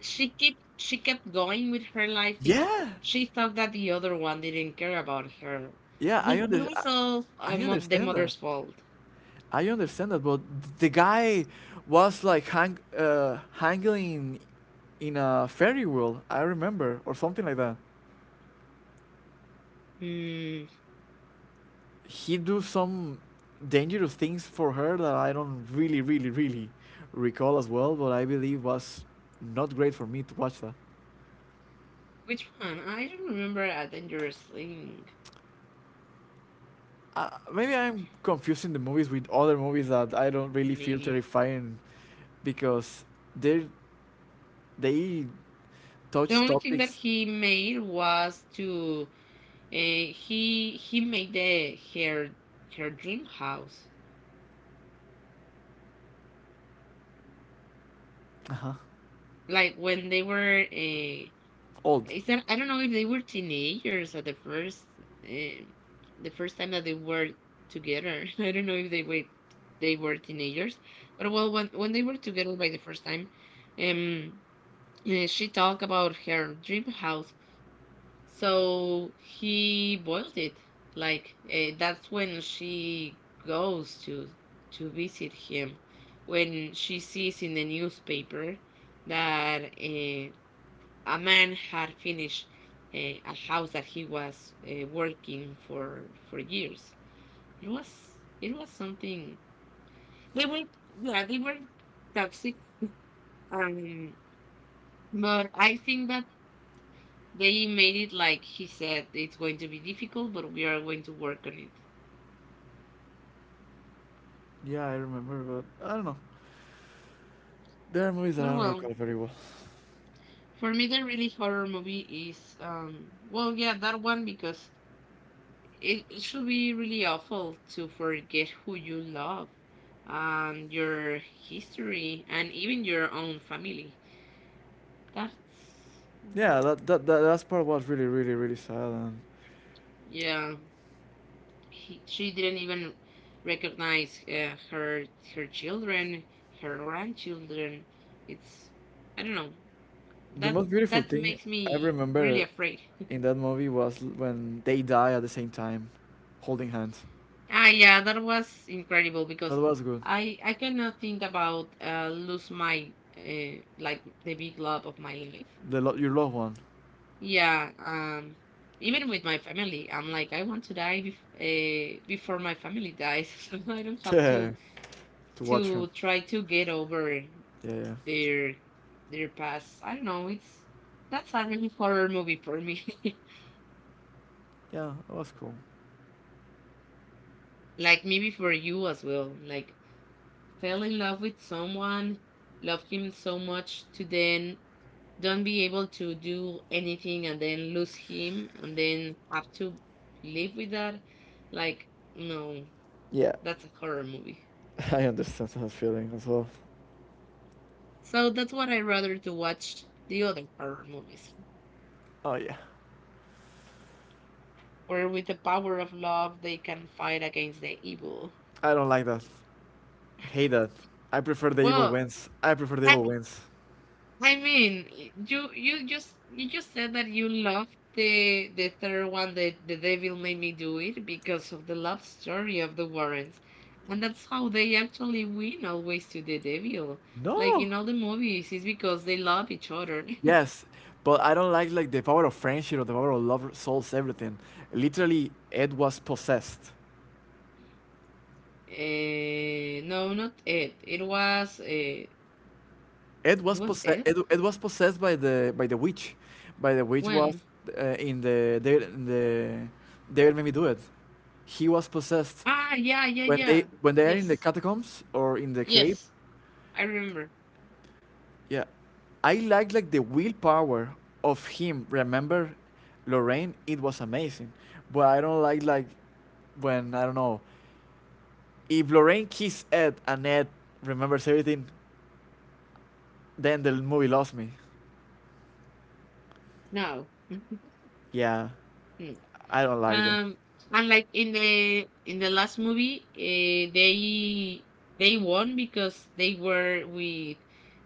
A: she kept going with her life because
B: Yeah,
A: she thought that the other one didn't care about her.
B: yeah,
A: Did we solve
B: I
A: the
B: understand that.
A: mother's fault?
B: I understand that, but the guy was like hanging in a ferry wheel, I remember, or something like that.
A: Hmm.
B: He do some dangerous things for her that I don't really, really, really recall as well. But I believe was not great for me to watch that.
A: Which one? I don't remember a dangerous thing.
B: Maybe I'm confusing the movies with other movies that I don't really feel
A: Maybe
B: terrifying because they they
A: the
B: touch
A: only thing that
B: topics.
A: he made was to he made the her her dream house.
B: Uh-huh.
A: Like when they were
B: Old.
A: is that I don't know if they were teenagers at um the first time that they were together. *laughs* I don't know if they were teenagers, but well when they were together by the first time, um. She talked about her dream house. So he boiled it. Like that's when she goes to visit him when she sees in the newspaper that a man had finished a house that he was working for years. It was something. They were, yeah, they were toxic. Um, but I think that they made it like he said, it's going to be difficult, but we are going to work on it.
B: Yeah, I remember, but I don't know. There are movies that
A: But
B: I don't
A: well,
B: recall very well.
A: for me, the really horror movie is, well, yeah, that one because it should be really awful to forget who you love and your history and even your own family. That's,
B: Yeah, that that that last part was really, really, really sad. And
A: yeah, she didn't even recognize her her children, her grandchildren. It's, I don't know.
B: the
A: That
B: most beautiful
A: that
B: thing
A: makes
B: I
A: me really
B: remember
A: afraid.
B: in that movie was when they die at the same time, holding hands.
A: Ah, yeah, that was incredible
B: That
A: because
B: was good.
A: I cannot think about lose my like the big love of my life.
B: Your loved one.
A: Yeah, even with my family, I'm like I want to die before my family dies, *laughs* so I don't
B: *laughs*
A: have to
B: to watch him.
A: to try to get over
B: Yeah, yeah,
A: their their past. I don't know. It's, that's a really horror movie for me.
B: yeah. That was cool.
A: *laughs* Like maybe for you as well. Like fell in love with someone, loved him so much to then don't be able to do anything and then lose him and then have to live with that. Like, no,
B: Yeah,
A: that's a horror movie.
B: *laughs* I understand that feeling as well.
A: So that's what I rather to watch the other horror movies,
B: Oh yeah,
A: where with the power of love they can fight against the evil.
B: I don't like that. Hate that. I prefer the evil
A: Well,
B: wins. I prefer the evil wins.
A: I mean, you just said that you loved the third one, the devil made me do it because of the love story of the Warrens, and that's how they actually win always to the devil. Like
B: No.
A: in all the movies, it's because they love each other. *laughs*
B: Yes, but I don't like the power of friendship or the power of love solves everything. Literally, Ed was possessed.
A: Eh, no, not it. It was it
B: Ed was
A: was
B: possessed.
A: it
B: Ed was possessed by the witch. By the witch was
A: when,
B: in the Devil Made Me Do It. He was possessed
A: yeah, yeah,
B: when they
A: yeah,
B: when they are in the
A: yes,
B: catacombs or in the cave.
A: yes, I remember
B: Yeah, I like the willpower of him. Remember, Lorraine, it was amazing, but I don't like when, I don't know, if Lorraine kisses Ed and Ed remembers everything, then the movie lost me.
A: now.
B: Yeah,
A: *laughs*
B: I don't like that.
A: Um, and like in the last movie, they won because they were with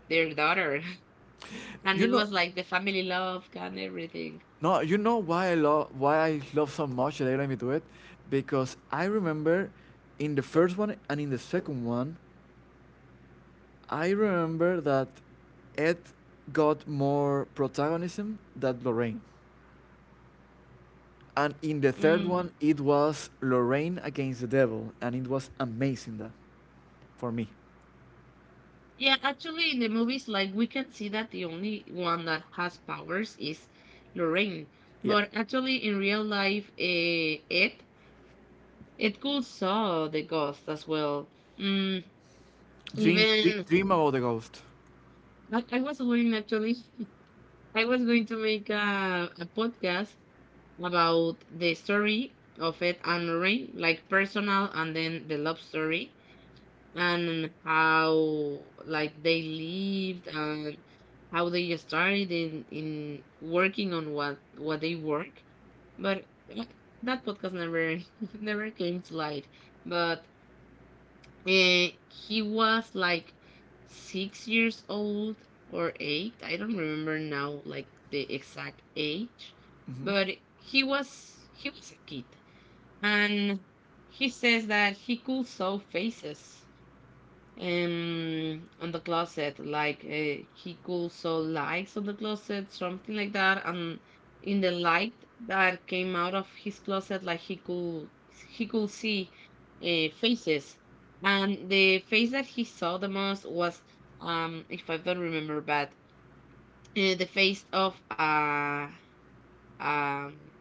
A: their daughter, *laughs* and
B: You
A: it
B: know,
A: was like the family love and everything.
B: no, you know why I love, why I love so much that I let me do it, because I remember in the first one and in the second one, I remember that Ed got more protagonism than Lorraine. And in the third one,
A: Mm.
B: it was Lorraine against the devil, and it was amazing that for me.
A: Yeah, actually, in the movies, like we can see that the only one that has powers is Lorraine,
B: Yeah,
A: but actually, in real life, Ed could saw the ghost as well. Mm,
B: dream,
A: even
B: dream about the ghost.
A: I was wondering actually *laughs* I was going to make a podcast about the story of Ed and Lorraine, like personal and then the love story and how like they lived and how they started in working on what they work. But uh, that podcast never *laughs* never came to light. But and he was like 6 years old or 8. I don't remember now, like the exact age,
B: Hmm.
A: but he was a kid, and he says that he could saw faces on the closet like he could saw lights on the closet something like that and in the light that came out of his closet like he could see faces. And the face that he saw the most was if I don't remember bad, the face of um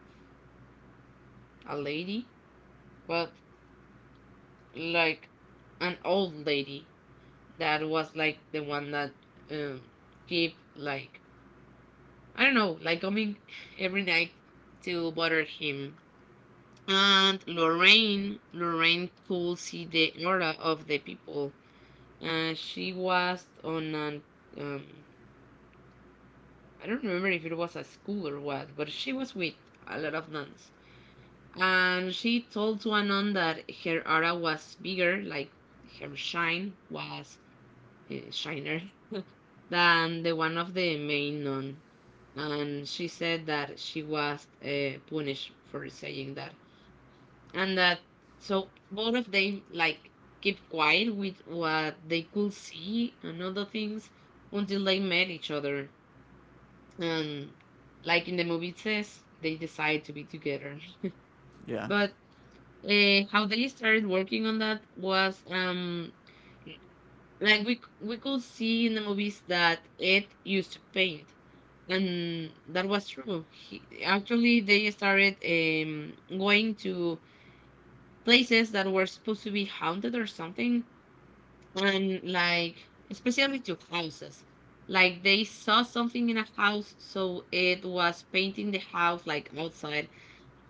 A: a lady, but like an old lady that was like the one that um keep like I don't know, like coming every night to bother him. And Lorraine could see the aura of the people. She was on an, um, I don't remember if it was a school or what, but she was with a lot of nuns. And she told to a nun that her aura was bigger, like her shine was shiner than the one of the main nun. And she said that she was punished for saying that. And that so both of them like keep quiet with what they could see and other things until they met each other. And like in the movie it says, they decide to be together.
B: Yeah,
A: But how they started working on that was like we could see in the movies that Ed used to paint, and that was true. He, actually, they started going to places that were supposed to be haunted or something, and like especially to houses. Like they saw something in a house, so it was painting the house like outside,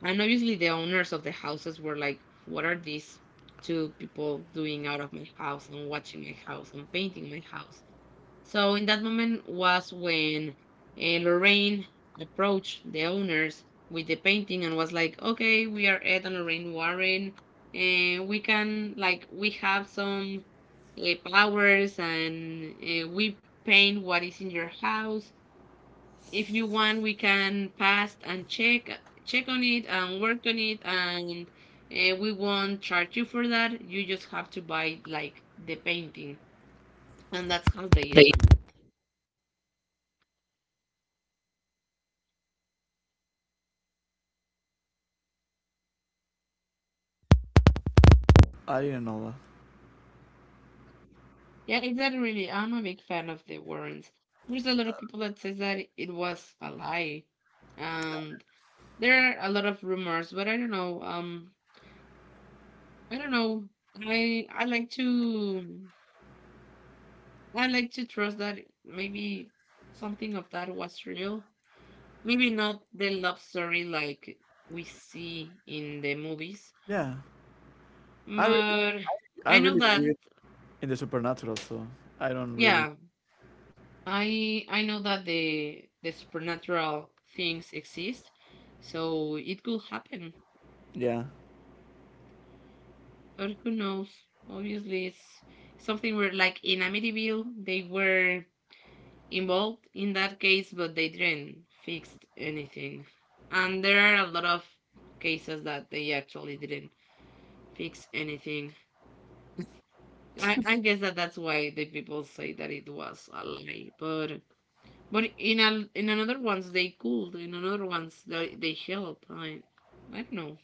A: and obviously the owners of the houses were like, "What are these two people doing out of my house and watching my house and painting my house?" So in that moment was when Lorraine approached the owners with the painting and was like, "Okay, we are Ed and Lorraine Warren, and we can like we have some powers, and we paint what is in your house. If you want, we can pass and check on it and work on it, and we won't charge you for that. You just have to buy like the painting." And that's how they started.
B: I didn't know that.
A: Yeah, exactly. Really, I'm a big fan of the Warrens. There's a lot of people that says that it was a lie, and there are a lot of rumors. But I don't know. I don't know. I like to I like to trust that maybe something of that was real. Maybe not the love story like we see in the movies,
B: Yeah, I really
A: but
B: I
A: I know
B: really
A: that.
B: believe in the supernatural, so I don't really.
A: Yeah, I know that the supernatural things exist, so it could happen.
B: Yeah,
A: But who knows? Obviously, it's something where, like in Amityville, they were involved in that case, but they didn't fix anything. And there are a lot of cases that they actually didn't fix anything. I guess that that's why the people say that it was a lie, but in a, in another ones they could, in another ones they help. I don't know.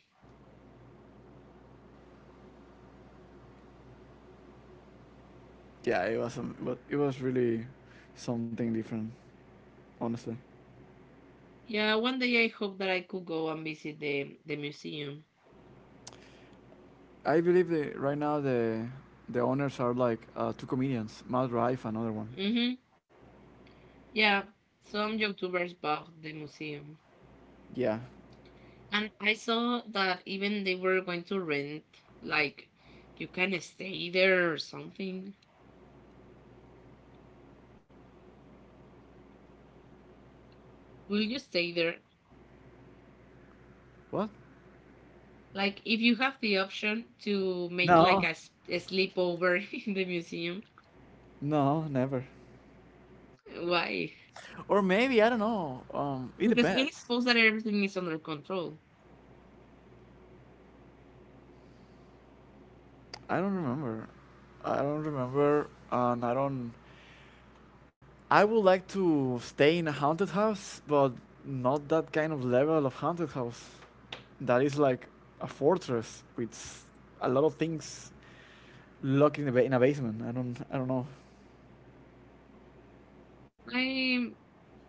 B: yeah, it was but it was really something different, honestly.
A: Yeah, one day I hope that I could go and visit the museum.
B: I believe the right now the owners are like two comedians, Matt Rife, another one.
A: Mm-hmm. Yeah, some YouTubers bought the museum,
B: Yeah.
A: and I saw that even they were going to rent. Like, you can stay there or something. Will you stay there?
B: What?
A: Like, if you have the option to make like
B: No.
A: a, a sleepover *laughs* in the museum,
B: No, never.
A: why?
B: Or maybe I don't know. It
A: Because it is
B: depends.
A: supposed that everything is under control.
B: I don't remember. I don't remember, and I don't. I would like to stay in a haunted house, but not that kind of level of haunted house. That is like a fortress with a lot of things locked in a in a basement. I don't. I don't know.
A: I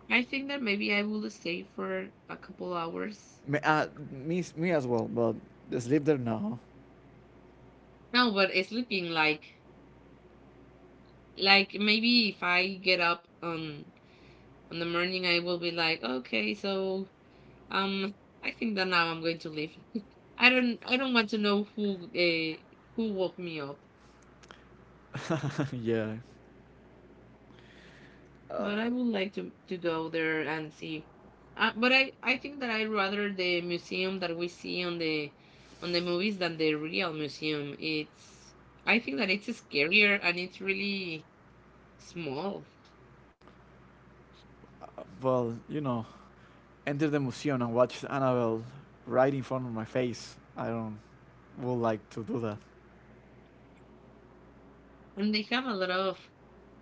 A: I think that maybe I will stay for a couple hours.
B: Me as well, but just live there now.
A: No, but it's sleeping like maybe if I get up on the morning, I will be like, okay, so um, I think that now I'm going to leave. *laughs* I don't want to know who woke me up.
B: *laughs* yeah. Uh,
A: But I would like to go there and see. But I think that I rather the museum that we see on the movies than the real museum. It's I think that it's scarier and it's really small,
B: well, you know, enter the museum and watch Annabelle right in front of my face. I don't would like to do that.
A: and they have a lot of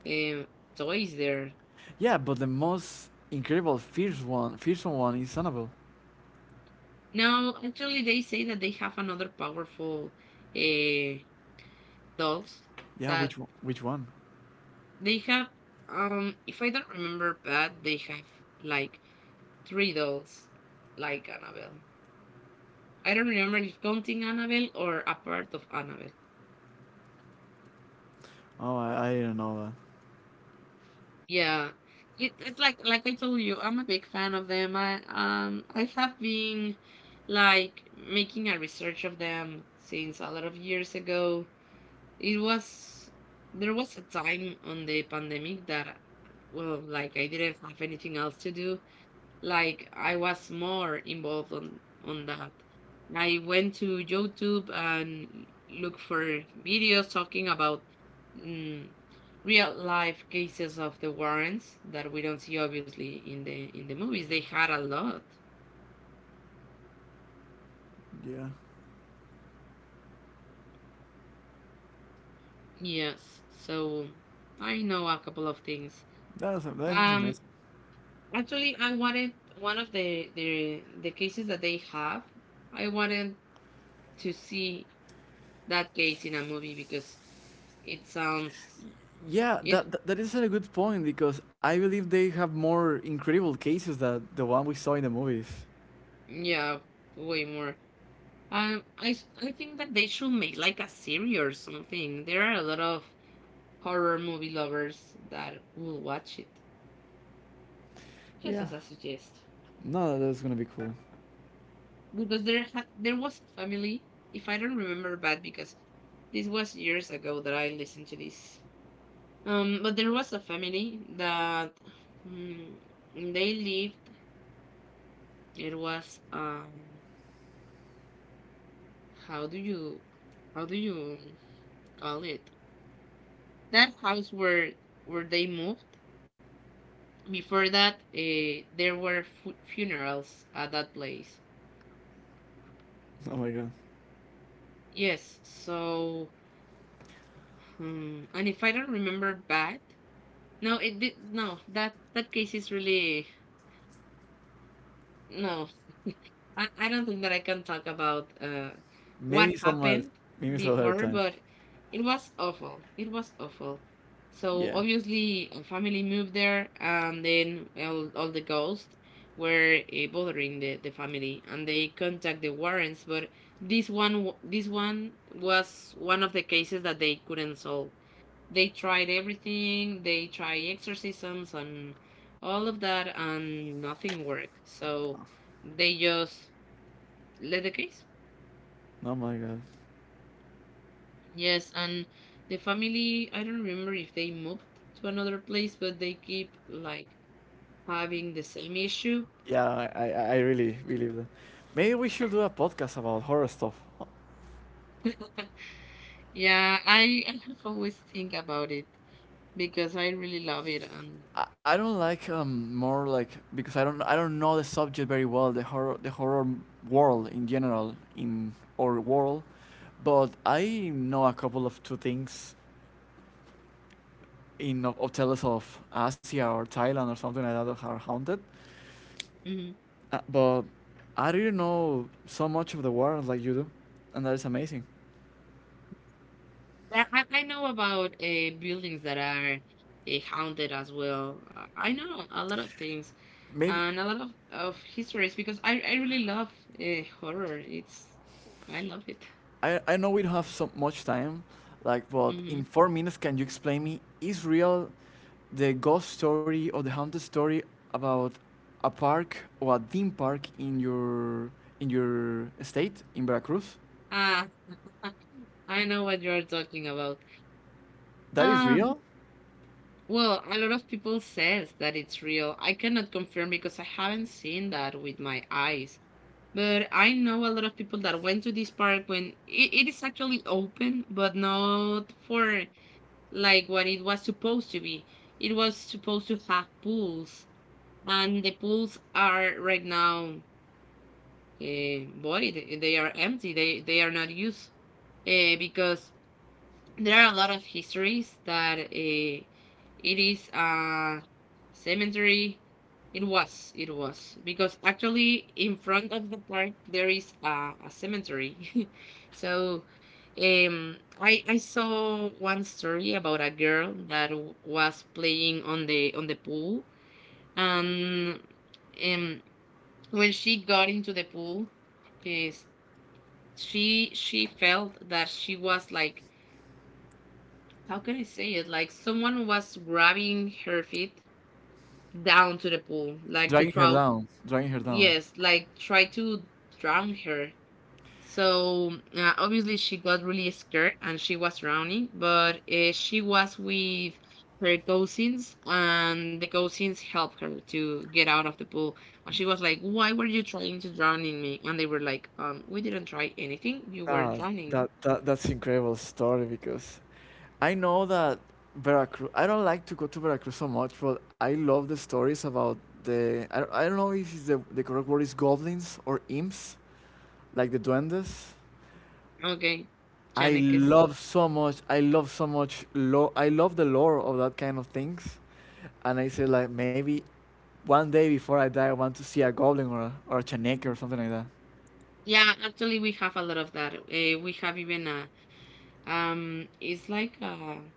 A: toys there.
B: Yeah, but the most incredible, fierce one, fearsome one is Annabelle.
A: Now, actually, they say that they have another powerful uh, dolls
B: Yeah,
A: that
B: which one? Which one?
A: they have. If I don't remember bad, they have like three dolls like Annabelle. I don't remember if counting Annabelle or a part of Annabelle.
B: Oh, I didn't know that.
A: Yeah, it, it's like I told you, I'm a big fan of them. I have been like making a research of them since a lot of years ago. It was there was a time on the pandemic that well, like I didn't have anything else to do, like I was more involved on that. I went to YouTube and looked for videos talking about mm, real life cases of the Warrens that we don't see obviously in the movies. They had a lot.
B: Yeah,
A: Yes, so I know a couple of things.
B: that is amazing.
A: Um, Actually, I wanted one of the cases that they have. I wanted to see that case in a movie because it sounds
B: Yeah,
A: It
B: that is a good point because I believe they have more incredible cases than the one we saw in the movies.
A: yeah, way more. I think that they should make like a series or something. There are a lot of horror movie lovers that will watch it. Just
B: Yeah.
A: as a suggest,
B: No, that's gonna be cool. *laughs*
A: because there was a family, if I don't remember bad, because this was years ago that I listened to this. But there was a family that mm, they lived. It was how do you how do you call it? That house where they moved before that there were funerals at that place.
B: Oh my god.
A: Yes, so and if I don't remember bad no it did no that that case is really no. I, I don't think that I can talk about what
B: Maybe somewhere,
A: happened
B: maybe some other
A: before,
B: time.
A: but it was awful. It was awful. So
B: Yeah.
A: obviously, a family moved there, and then all the ghosts were bothering the family, and they contact the Warrens. But this one, this one was one of the cases that they couldn't solve. They tried everything. They tried exorcisms and all of that, and nothing worked. So they just Leathercase?
B: Oh my god.
A: Yes, and the family, I don't remember if they moved to another place, but they keep like having the same issue. *laughs*
B: Yeah, I really believe that. Maybe we should do a podcast about horror stuff.
A: Yeah, I have always think about it because I really love it and
B: I don't like more like, because I don't know the subject very well, the horror, world in general, in or world, but I know a couple of two things in, of tales of Asia or Thailand or something like that that are haunted.
A: Mhm.
B: But I didn't know so much of the world like you do, and that is amazing.
A: I know about buildings that are haunted as well. I know a lot of things
B: Maybe
A: and a lot of histories because I really love horror. It's I love it.
B: I know we don't have so much time, like, but
A: Mm-hmm.
B: in 4 minutes, can you explain me is real the ghost story or the haunted story about a park or a theme park in your state in Veracruz?
A: Ah, I know what you're talking about.
B: That is
A: Ah,
B: real.
A: well, a lot of people says that it's real. I cannot confirm because I haven't seen that with my eyes. But I know a lot of people that went to this park when it is actually open, but not for like what it was supposed to be. It was supposed to have pools, and the pools are right now void. They are empty. They are not used because there are a lot of histories that it is a cemetery. It was, because actually in front of the park there is a cemetery. *laughs* So I saw one story about a girl that was playing on the pool, and um, when she got into the pool, is she felt that she was like how can I say it? Like someone was grabbing her feet down to the pool, like to
B: Dragging her
A: try,
B: down, dragging her down.
A: yes, like try to drown her. So obviously she got really scared and she was drowning, but she was with her cousins and the cousins helped her to get out of the pool. And she was like, "Why were you trying to drown in me?" And they were like, we didn't try anything. You were
B: Ah,
A: drowning."
B: that, that's incredible story because I know that Veracruz. I don't like to go to Veracruz so much, but I love the stories about the. I don't know if it's the correct word, is goblins or imps, like the duendes.
A: Okay,
B: I
A: Chanek.
B: love so much. I love so much. I love the lore of that kind of things, and I said like maybe one day before I die, I want to see a goblin or a chaneque or something like that.
A: Yeah, actually, we have a lot of that. We have even a it's like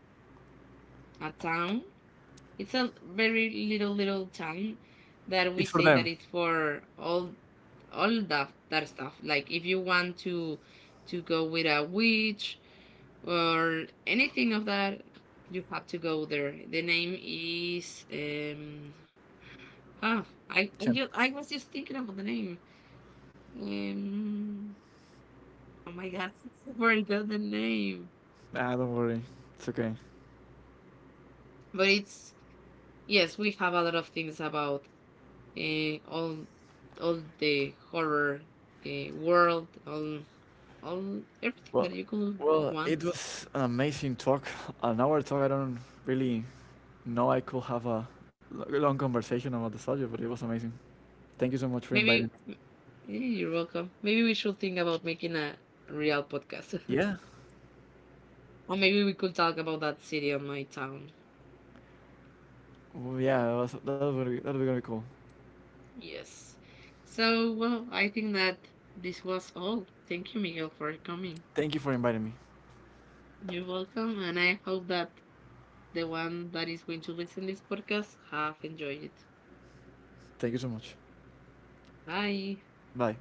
A: a town. It's a very little little town that we
B: It's for
A: say that
B: them.
A: it's for all that that stuff. Like if you want to go with a witch or anything of that, you have to go there. The name is. Ah, I,
B: Chan-
A: I was just thinking about the name. Um. Oh my god, *laughs* I forgot the name.
B: don't worry, it's okay.
A: But it's yes, we have a lot of things about uh, all all the horror world, all everything
B: Well,
A: that you could
B: well, it
A: want.
B: was an amazing talk. *laughs* An hour talk. I don't really know, I could have a long conversation about the subject, but it was amazing. Thank you so much for inviting me.
A: Maybe you're welcome. Maybe we should think about making a real podcast,
B: Yeah,
A: *laughs* or maybe we could talk about that city on my town.
B: well, yeah, that was gonna be that was gonna be cool.
A: Yes. So well, I think that this was all. Thank you, Miguel, for coming.
B: Thank you for inviting me.
A: You're welcome, and I hope that the one that is going to listen this podcast have enjoyed it.
B: Thank you so much.
A: Bye.
B: Bye.